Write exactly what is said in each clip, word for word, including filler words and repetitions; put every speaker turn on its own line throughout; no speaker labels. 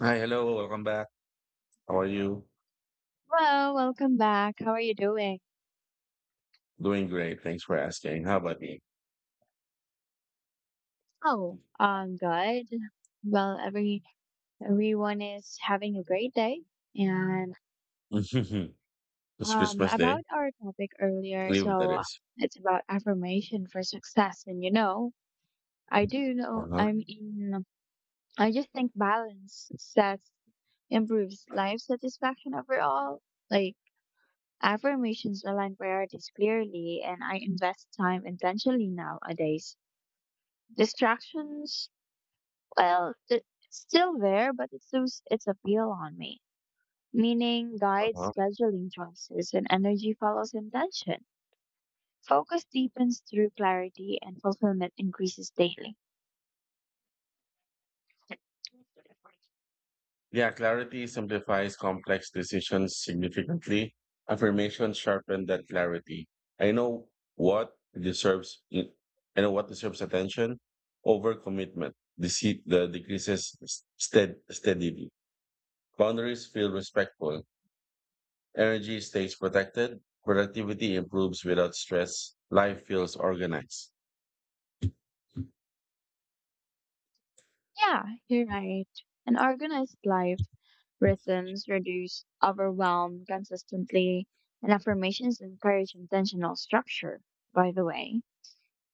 Hi, hello, welcome back. How are you?
Well, welcome back. How are you doing?
Doing great. Thanks for asking. How about you?
Oh, I'm good. Well, every everyone is having a great day. And
It's
um
Christmas Day.
about our topic earlier,
Leave that
so
is.
it's about affirmation for success. And you know, I do know
Uh-huh,
I mean I just think balance sets improves life satisfaction overall. Like affirmations align priorities clearly and I invest time intentionally nowadays. Distractions. Well, th- it's still there, but it's lose its appeal on me. Meaning guides
uh-huh.
scheduling choices and energy follows intention. Focus deepens through clarity and fulfillment increases daily.
Yeah, clarity simplifies complex decisions significantly. Affirmation sharpen that clarity. I know what deserves I know what deserves attention over commitment. Deceit the decreases stead, steadily. Boundaries feel respectful. Energy stays protected, productivity improves without stress, life feels organized.
Yeah, you're right. An organized life rhythms reduce overwhelm consistently, and affirmations encourage intentional structure. By the way,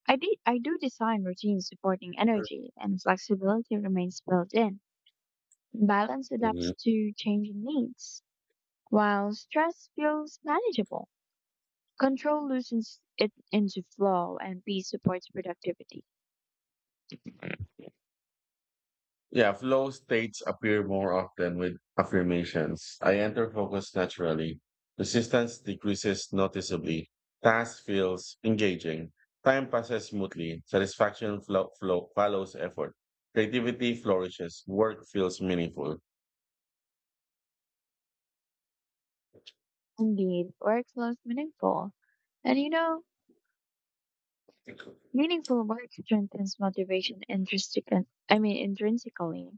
I, de- I do design routines supporting energy, and flexibility remains built in. Balance adapts
Mhm.
to changing needs, while stress feels manageable. Control loosens it into flow, and peace supports productivity.
Yeah, flow states appear more often with affirmations. I enter focus naturally. Resistance decreases noticeably. Task feels engaging. Time passes smoothly. Satisfaction flow, flow, follows effort. Creativity flourishes. Work feels meaningful.
Indeed, work flows meaningful. And you know, meaningful work strengthens motivation intrinsic I mean intrinsically.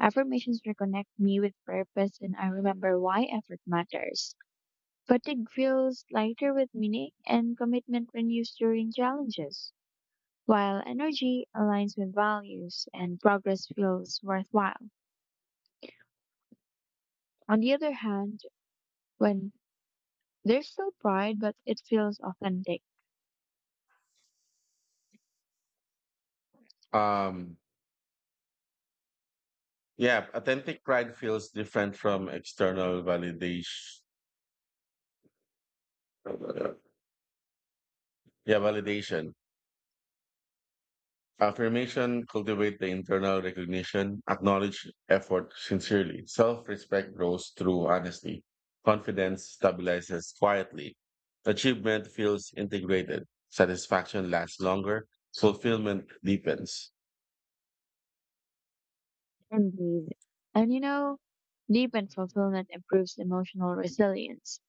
Affirmations reconnect me with purpose and I remember why effort matters. Fatigue feels lighter with meaning and commitment renews during challenges, while energy aligns with values and progress feels worthwhile. On the other hand, when there's still pride, but it feels authentic
Um, yeah, authentic pride feels different from external validation. Yeah, validation. Affirmation cultivate the internal recognition, acknowledge effort sincerely. Self-respect grows through honesty. Confidence stabilizes quietly. Achievement feels integrated. Satisfaction lasts longer. Fulfillment deepens.
and breathed. And you know, deep and fulfillment improves emotional resilience.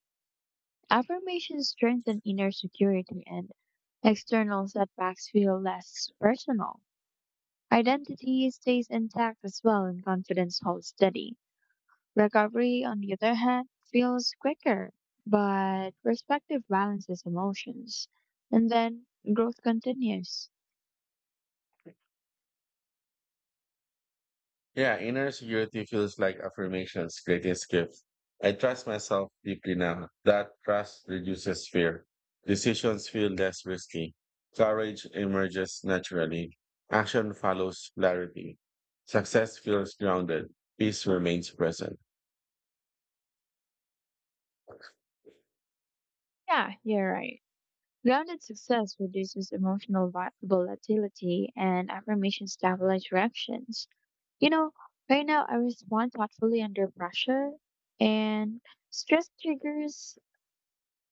Affirmations strengthen inner security and external setbacks feel less personal. Identity stays intact as well and confidence holds steady. Recovery, on the other hand, feels quicker, but perspective balances emotions. And then growth continues.
Yeah, inner security feels like affirmation's greatest gift. I trust myself deeply now. That trust reduces fear. Decisions feel less risky. Courage emerges naturally. Action follows clarity. Success feels grounded. Peace remains present.
Yeah, you're right. Grounded success reduces emotional vi- volatility and affirmation stabilize reactions. You know, right now I respond thoughtfully under pressure and stress triggers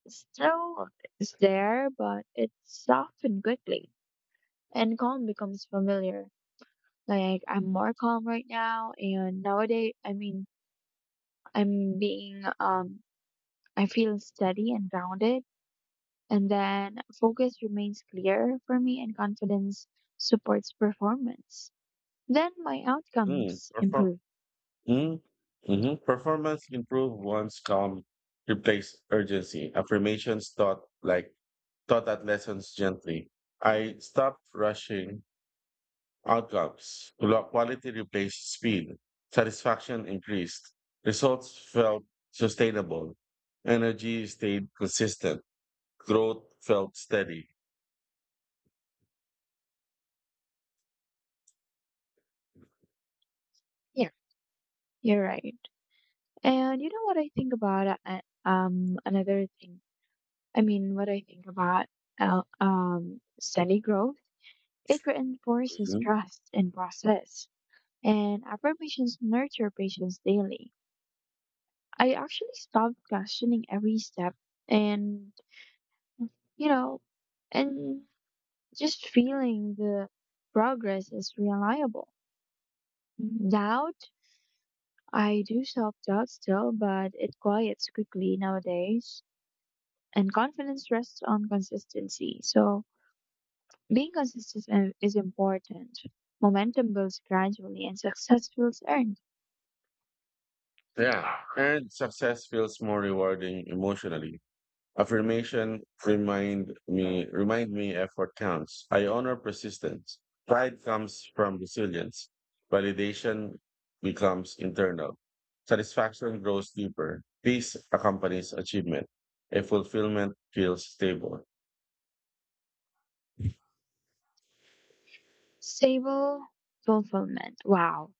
still is there, but it's softened quickly and calm becomes familiar. Like I'm more calm right now and nowadays I mean I'm being um I feel steady and grounded and then focus remains clear for me and confidence supports performance. Then my
Mm,
outcomes
perform
improve.
mm, hmm Performance improve once calm, replace urgency. Affirmations taught like Taught that lessons gently. I stopped rushing outcomes. Quality replaced speed. Satisfaction increased. Results felt sustainable. Energy stayed consistent. Growth felt steady.
Yeah, you're right. And you know what I think about uh, um another thing. I mean what I think about uh, um steady growth. It reinforces
Mhm.
trust and process and affirmations nurture patience daily. I actually stopped questioning every step and, you know, and just feeling the progress is reliable. Doubt, I do self doubt still, but it quiets quickly nowadays. And confidence rests on consistency. So being consistent i- is important. Momentum builds gradually and success feels earned.
Yeah. And success feels more rewarding emotionally. Affirmation remind me Remind me effort counts. I honor persistence. Pride comes from resilience. Validation becomes internal. Satisfaction grows deeper. Peace accompanies achievement. A fulfillment feels stable.
Stable fulfillment. Wow.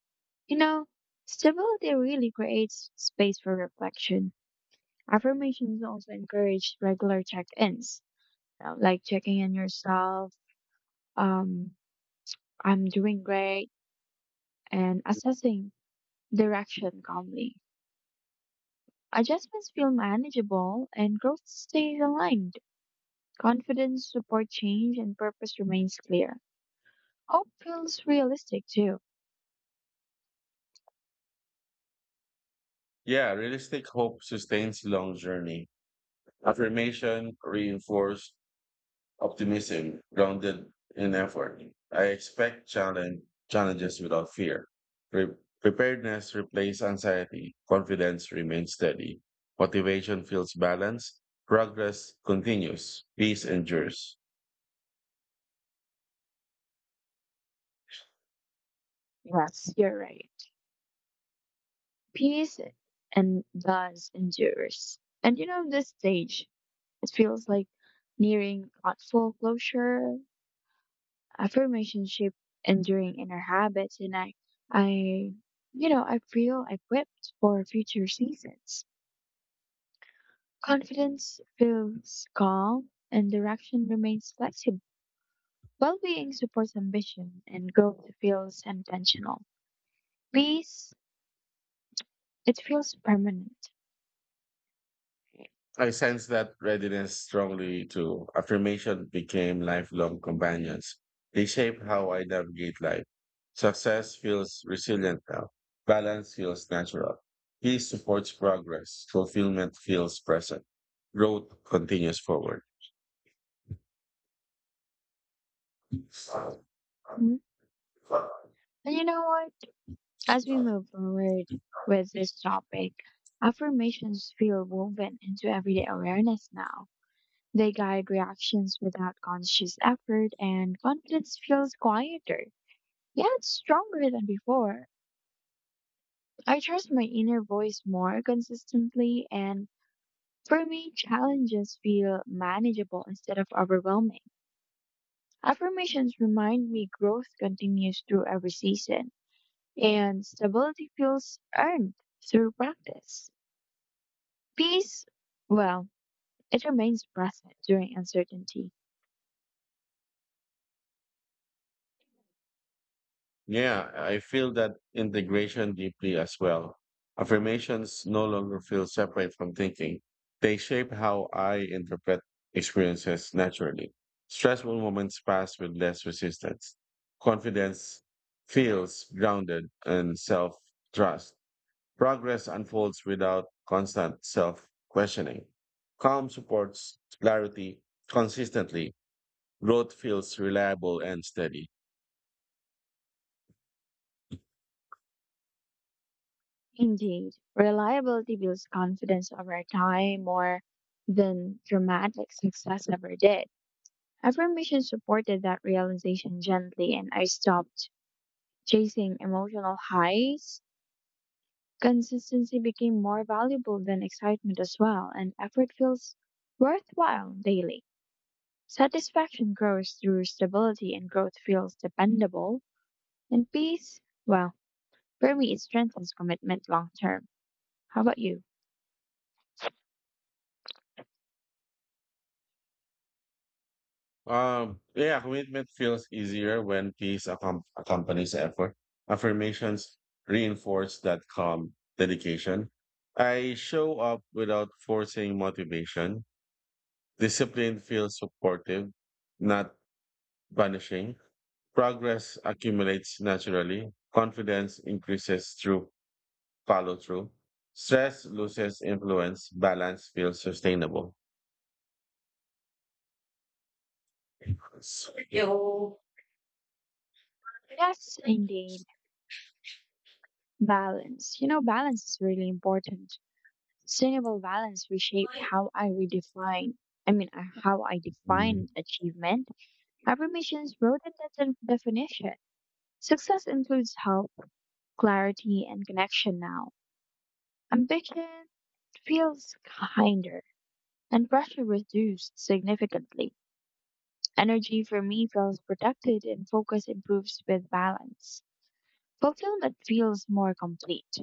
You know, stability really creates space for reflection. Affirmations also encourage regular check ins, like checking in yourself, um, I'm doing great, and assessing direction calmly. Adjustments feel manageable and growth stays aligned. Confidence, support change, and purpose remains clear. Hope feels realistic too.
Yeah, realistic hope sustains long journey. Affirmation reinforce optimism grounded in effort. I expect challenge, Challenges without fear. Pre- preparedness replaces anxiety. Confidence remains steady. Motivation feels balanced. Progress continues. Peace endures.
Yes, you're right. Peace and does endures. And you know, this stage, it feels like nearing thoughtful closure, affirmation shaped enduring inner habits, and I, I, you know, I feel equipped for future seasons. Confidence feels calm, and direction remains flexible. Well-being supports ambition, and growth feels intentional. Peace, it feels permanent.
I sense that readiness strongly too. Affirmation became lifelong companions. They shape how I navigate life. Success feels resilient now. Balance feels natural. Peace supports progress. Fulfillment feels present. Growth continues forward.
Mhm. And you know what? As we move forward with this topic, affirmations feel woven into everyday awareness now. They guide reactions without conscious effort, and confidence feels quieter, yet stronger than before. I trust my inner voice more consistently, and for me, challenges feel manageable instead of overwhelming. Affirmations remind me growth continues through every season, and stability feels earned through practice. Peace, well, it remains present during uncertainty.
Yeah, I feel that integration deeply as well. Affirmations no longer feel separate from thinking. They shape how I interpret experiences naturally. Stressful moments pass with less resistance. Confidence feels grounded and self trust. Progress unfolds without constant self questioning. Calm supports clarity consistently. Growth feels reliable and steady.
Indeed, reliability builds confidence over time more than dramatic success ever did. Affirmation supported that realization gently, and I stopped chasing emotional highs. Consistency became more valuable than excitement as well, and effort feels worthwhile daily. Satisfaction grows through stability, and growth feels dependable. And peace, well, for me, it strengthens commitment long term. How about you?
Um, yeah, commitment feels easier when peace accom- accompanies effort. Affirmations reinforce that calm dedication. I show up without forcing motivation. Discipline feels supportive, not punishing. Progress accumulates naturally. Confidence increases through follow through. Stress loses influence. Balance feels sustainable. Yo.
Yes, indeed. Balance. You know, balance is really important. Sustainable balance reshaped how I redefine, I mean, uh, how I defined achievement. Affirmations wrote in that de- definition. Success includes health, clarity, and connection now. Ambition feels kinder, and pressure reduced significantly. Energy for me feels protected, and focus improves with balance. Fulfillment feels more complete.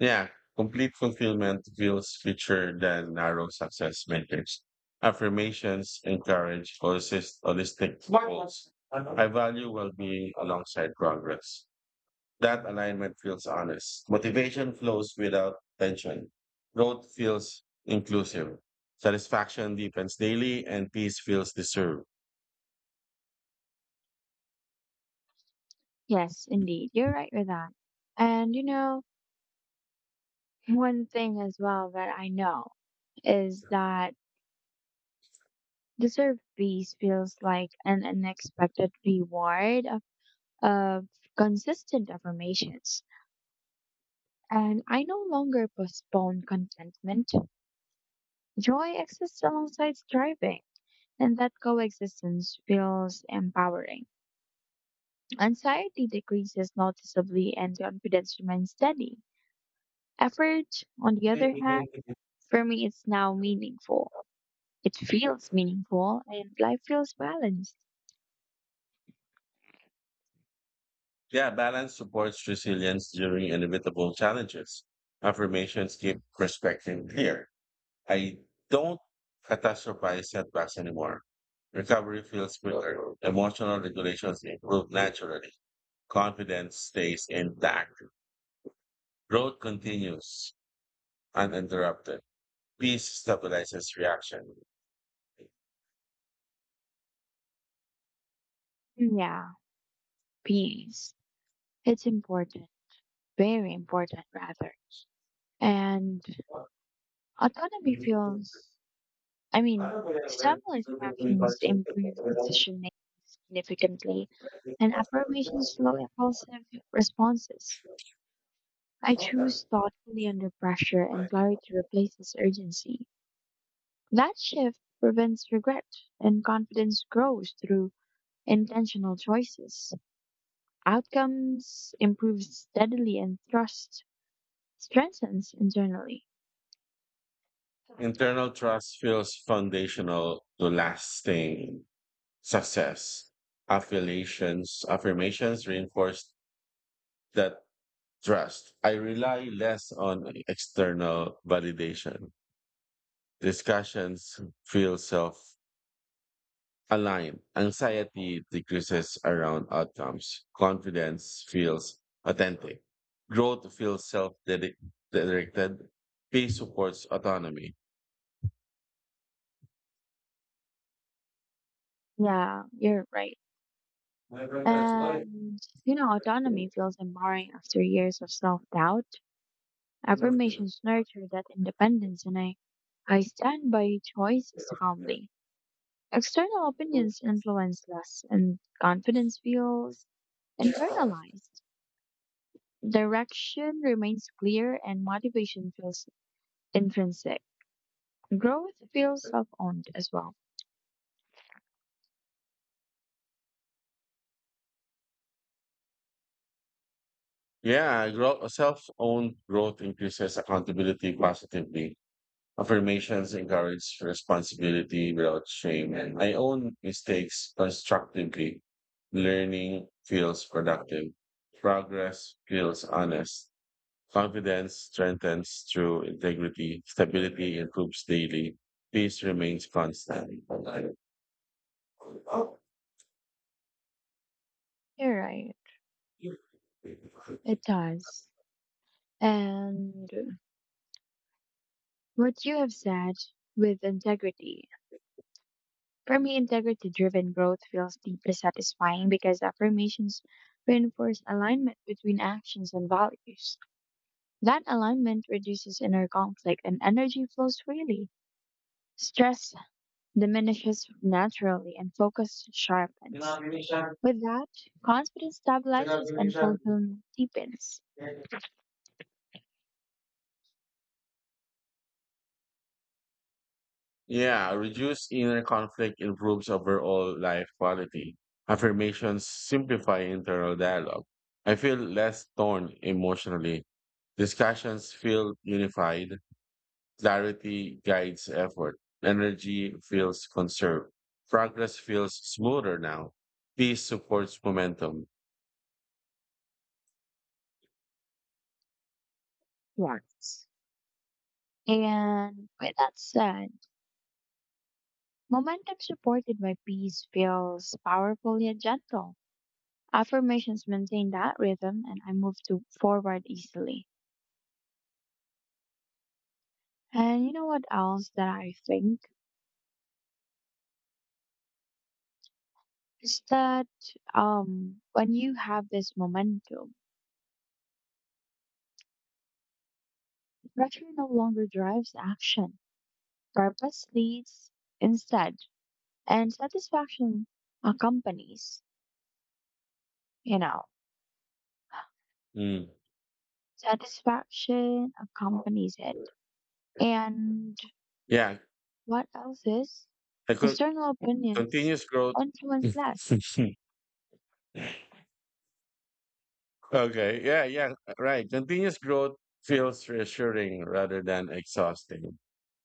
Yeah, complete fulfillment feels richer than narrow success metrics. Affirmations encourage holistic, holistic goals. I value well-being alongside progress. That alignment feels honest. Motivation flows without tension. Growth feels inclusive. Satisfaction deepens daily, and peace feels deserved.
Yes, indeed. You're right with that. And you know, one thing as well that I know is that deserved peace feels like an unexpected reward of, of consistent affirmations. And I no longer postpone contentment. Joy exists alongside striving, and that coexistence feels empowering. Anxiety decreases noticeably, and confidence remains steady. Effort, on the other hand, for me is now meaningful. It feels meaningful and life feels balanced.
Yeah, balance supports resilience during inevitable challenges. Affirmations keep perspective clear. I don't catastrophize setbacks anymore. Recovery feels clearer. Emotional regulations improve naturally. Confidence stays intact. Growth continues uninterrupted. Peace stabilizes reaction.
Yeah, peace. It's important, very important rather. And autonomy feels, I mean, simple instructions improve decision making significantly and affirmations slow impulsive responses. I choose thoughtfully under pressure and clarity replaces urgency. That shift prevents regret, and confidence grows through intentional choices. Outcomes improve steadily, and trust strengthens internally.
Internal trust feels foundational to lasting success. Affiliations affirmations reinforce that trust. I rely less on external validation. Discussions feel self aligned. Anxiety decreases around outcomes. Confidence feels authentic. Growth feels self directed. Peace supports autonomy.
Yeah, you're right. And, you know, autonomy feels empowering after years of self doubt. Affirmations nurture that independence, and I, I stand by choices calmly. External opinions influence less, and confidence feels internalized. Direction remains clear and motivation feels intrinsic. Growth feels self owned as well.
Yeah, grow, self-owned growth increases accountability positively. Affirmations encourage responsibility without shame, and I own mistakes constructively. Learning feels productive. Progress feels honest. Confidence strengthens through integrity. Stability improves daily. Peace remains constant.
You're right. It does. And what you have said with integrity. For me, integrity driven growth feels deeply satisfying because affirmations reinforce alignment between actions and values. That alignment reduces inner conflict and energy flows freely. Stress diminishes naturally and focus sharpens.
Indonesia,
With that, confidence stabilizes and
Indonesia.
fulfillment deepens.
Yeah, reduce inner conflict improves overall life quality. Affirmations simplify internal dialogue. I feel less torn emotionally. Discussions feel unified. Clarity guides effort. Energy feels conserved. Progress feels smoother now. Peace supports momentum.
Yes. And with that said, momentum supported by peace feels powerful yet gentle. Affirmations maintain that rhythm and I move to forward easily. And you know what else that I think is that um when you have this momentum, pressure no longer drives action. Purpose leads instead and satisfaction accompanies, you know.
Mm.
Satisfaction accompanies it. And
Yeah,
what else is?
I could
External opinions
Continuous growth.
influence less.
Okay. Yeah, yeah, right. Continuous growth feels reassuring rather than exhausting.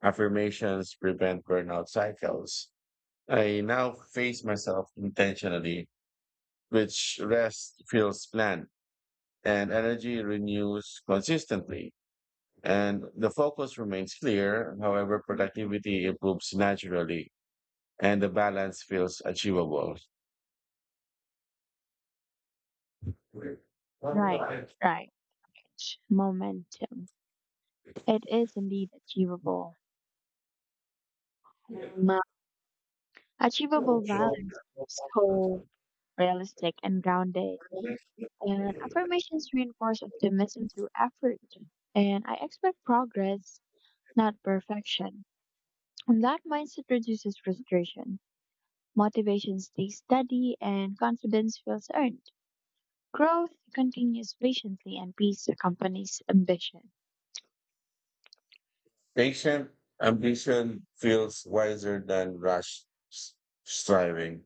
Affirmations prevent burnout cycles. I now face myself intentionally, which rest feels planned and energy renews consistently. And the focus remains clear. However, productivity improves naturally and the balance feels achievable.
Right, right. Momentum. It is indeed achievable. Um, Achievable balance keeps hope realistic and grounded. And affirmations reinforce optimism through effort. And I expect progress, not perfection. And that mindset reduces frustration. Motivation stays steady and confidence feels earned. Growth continues patiently and peace accompanies ambition.
Patient ambition feels wiser than rash s- striving.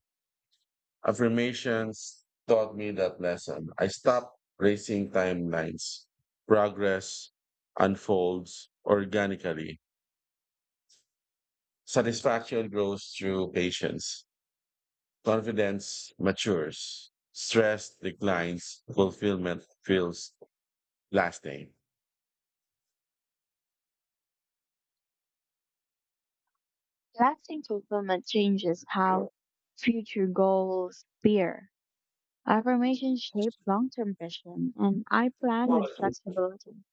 Affirmations taught me that lesson. I stopped racing timelines. Progress unfolds organically. Satisfaction grows through patience. Confidence matures. Stress declines. Fulfillment feels lasting.
Lasting fulfillment changes how future goals appear. Affirmations shape long-term vision and I plan with flexibility.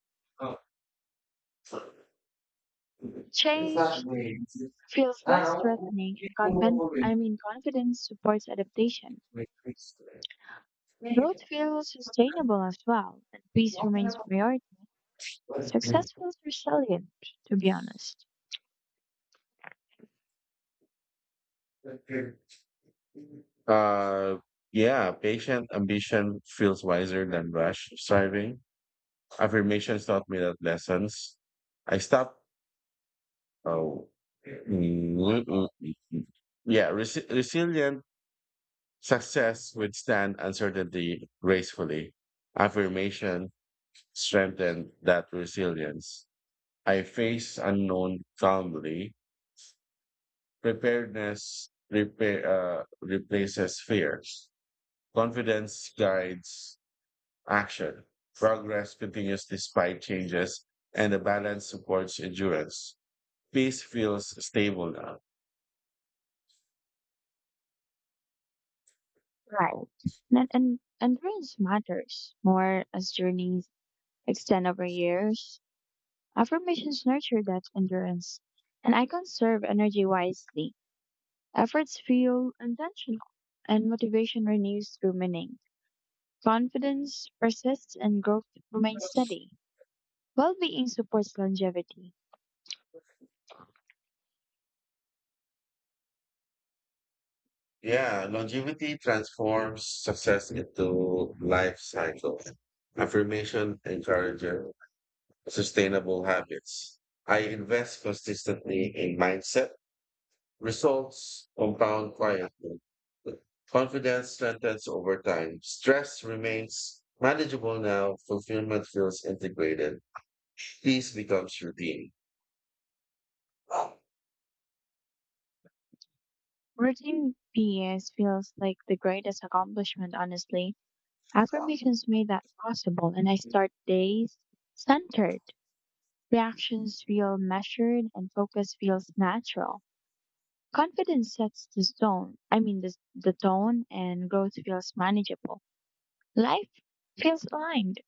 Change feels less threatening and confident, I mean confidence supports adaptation. Growth feels sustainable as well and peace remains priority. Success feels resilient, to be honest.
Uh, yeah, patient ambition feels wiser than rash striving. Affirmations taught me that lessons. I stopped. Oh, mm, mm, mm, mm. Yeah, resi- resilient success withstand uncertainty gracefully. Affirmation strengthened that resilience. I face unknown calmly. Preparedness repair, uh, replaces fears. Confidence guides action. Progress continues despite changes, and the balance supports endurance. Peace feels stable now.
Right. And and endurance matters more as journeys extend over years. Affirmations nurture that endurance, and I conserve energy wisely. Efforts feel intentional, and motivation renews through meaning. Confidence persists, and growth remains steady. Well-being supports longevity.
Yeah, longevity transforms success into life cycle. Affirmation encourages sustainable habits. I invest consistently in mindset. Results compound quietly. Confidence strengthens over time. Stress remains manageable now. Fulfillment feels integrated. Peace becomes routine.
Routine P S feels like the greatest accomplishment, honestly. Affirmations made that possible, and I start days centered. Reactions feel measured and focus feels natural. Confidence sets the tone. I mean, the, the tone and growth feels manageable. Life feels aligned.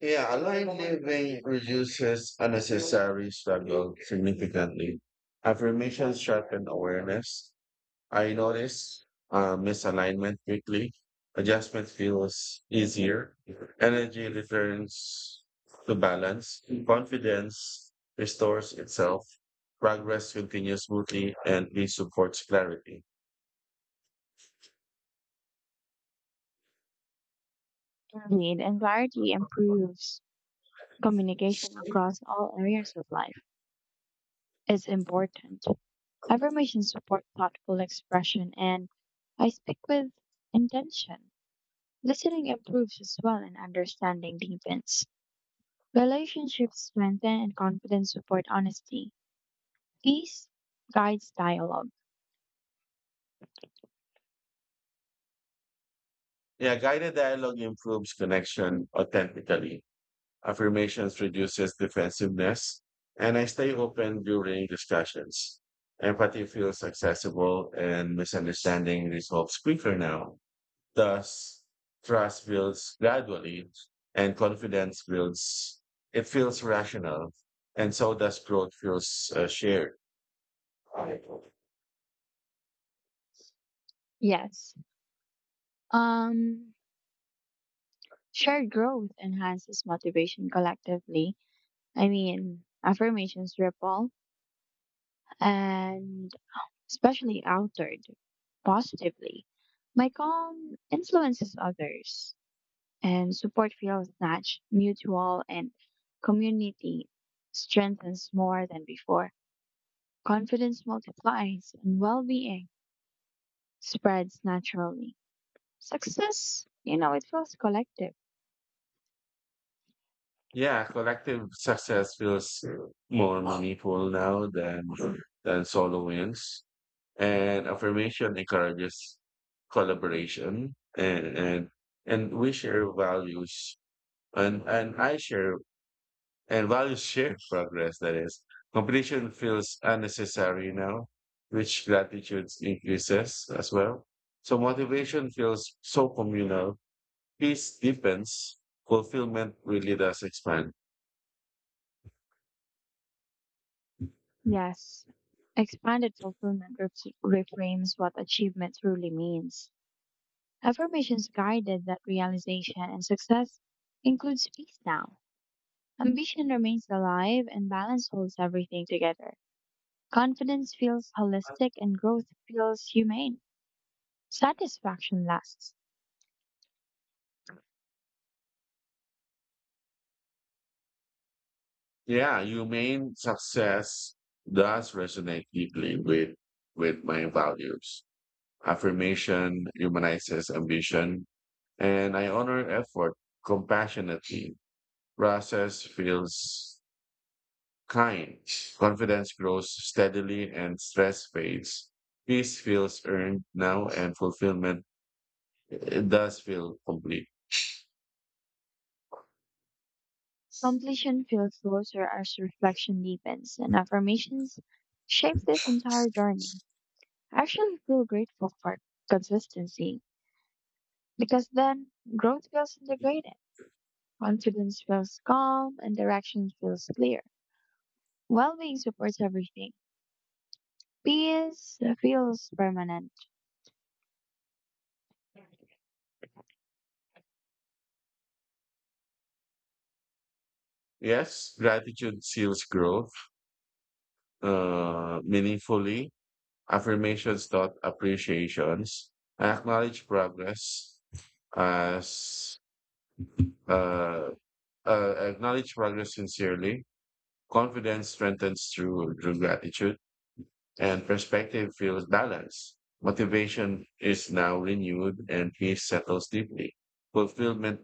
Yeah, aligned living reduces unnecessary struggle significantly. Affirmations sharpen awareness. I notice uh, misalignment quickly. Adjustment feels easier. Energy returns to balance. Confidence restores itself. Progress continues smoothly and it supports clarity.
Indeed, and variety improves communication across all areas of life is important. Affirmations support thoughtful expression and I speak with intention. Listening improves as well and understanding deepens. Relationships strengthen and confidence support honesty. Peace guides dialogue.
Yeah, guided dialogue improves connection authentically. Affirmations reduces defensiveness, and I stay open during discussions. Empathy feels accessible, and misunderstanding resolves quicker now. Thus, trust builds gradually and confidence builds. It feels rational, and so does growth feels uh, shared.
Yes. Um, Shared growth enhances motivation collectively. I mean, affirmations ripple and especially altered positively. My calm influences others and support feels nat- mutual and community strengthens more than before. Confidence multiplies and well-being spreads naturally. Success, you know, it feels collective.
Yeah, collective success feels more meaningful now than than solo wins. And affirmation encourages collaboration and and, and we share values and, and I share and values shared progress, that is. Competition feels unnecessary now, which gratitude increases as well. So motivation feels so communal. Peace deepens. Fulfillment really does expand.
Yes. Expanded fulfillment ref- reframes what achievement truly means. Affirmations guided that realization and success includes peace now. Ambition remains alive and balance holds everything together. Confidence feels holistic and growth feels humane. Satisfaction lasts.
Yeah, humane success does resonate deeply with with my values. Affirmation humanizes ambition, and I honor effort compassionately. Process feels kind. Confidence grows steadily and stress fades. Peace feels earned now and fulfillment it does feel complete.
Completion feels closer as reflection deepens, and affirmations shape this entire journey. I actually feel grateful for consistency because then growth feels integrated, confidence feels calm, and direction feels clear. Well being supports everything. Peace feels permanent.
Yes, gratitude seals growth uh, meaningfully. Affirmations taught appreciations. I acknowledge progress as uh, uh, Acknowledge progress sincerely. Confidence strengthens through, through gratitude. And perspective feels balanced. Motivation is now renewed and peace settles deeply. Fulfillment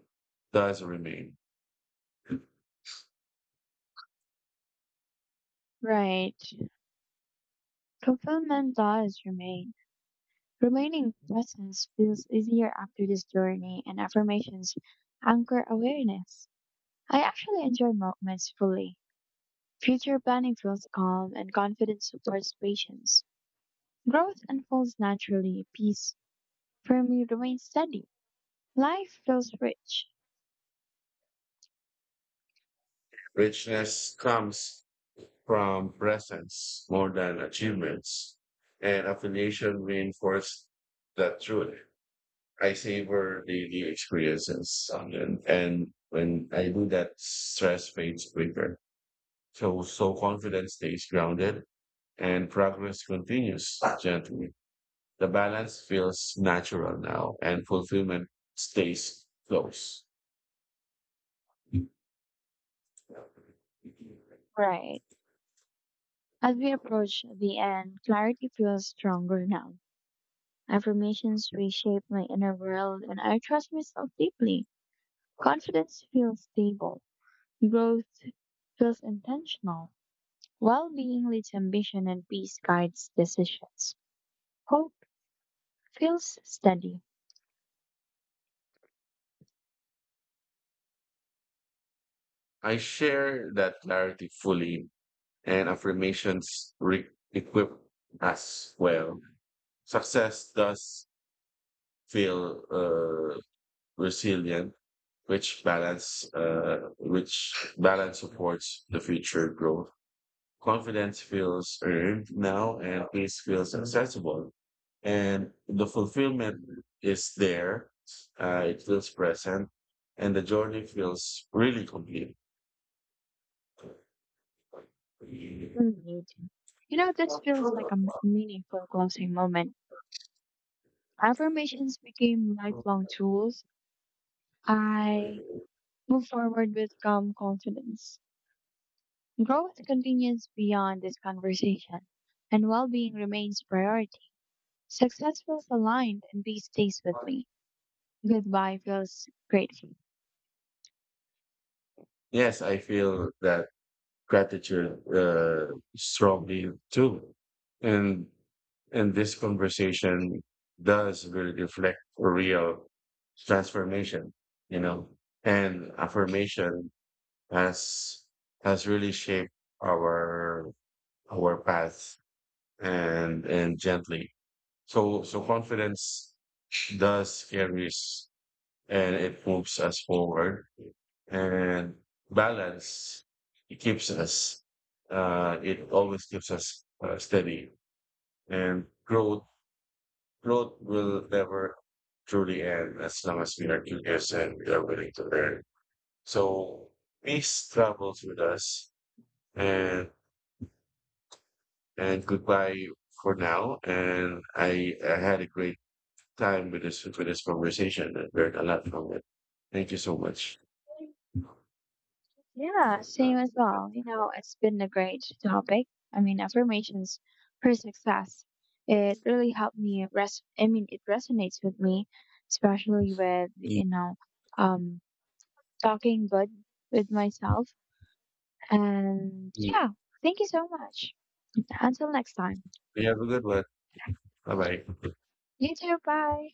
does remain.
Right. Fulfillment does remain. Remaining presence feels easier after this journey, and affirmations anchor awareness. I actually enjoy moments fully. Future planning feels calm and confidence supports patience. Growth unfolds naturally, peace for remains steady. Life feels rich,
Richness comes from presence more than achievements, and affiliation reinforces that truth. I savor the new experiences, and, and when I do that, stress fades quicker. So, so confidence stays grounded and progress continues gently. The balance feels natural now and fulfillment stays close.
bright. As we approach the end, clarity feels stronger now. Affirmations reshape my inner world and I trust myself deeply. Confidence feels stable. Growth feels intentional. Well being leads ambition and peace guides decisions. Hope feels steady.
I share that clarity fully and affirmations re- equip us well. Success does feel uh, resilient, which balance, uh, which balance supports the future growth. Confidence feels earned now and peace feels accessible. And the fulfillment is there. Uh, it feels present and the journey feels really complete.
Indeed. You know, this feels like a m- meaningful closing moment. Affirmations became lifelong tools. I move forward with calm confidence. Growth continues beyond this conversation, and well being remains a priority. Success feels aligned, and peace stays with me. Goodbye feels grateful.
Yes, I feel that gratitude uh, strongly too. And and this conversation does really reflect a real transformation, you know, and affirmation has has really shaped our our path and and gently. So so confidence does carries and it moves us forward and balance it keeps us uh it always keeps us uh, steady and growth growth will never truly end as long as we are curious and we are willing to learn. So peace travels with us and and goodbye for now. And I, I had a great time with this with this conversation and learned a lot from it. Thank you so much.
Yeah, same as well. You know, it's been a great topic. I mean, affirmations for success. It really helped me res I mean, it resonates with me, especially with,
Mm,
you know, um, talking good with myself. And
mm.
yeah, thank you so much. Until next time.
You have a good one. Bye bye.
You too, bye.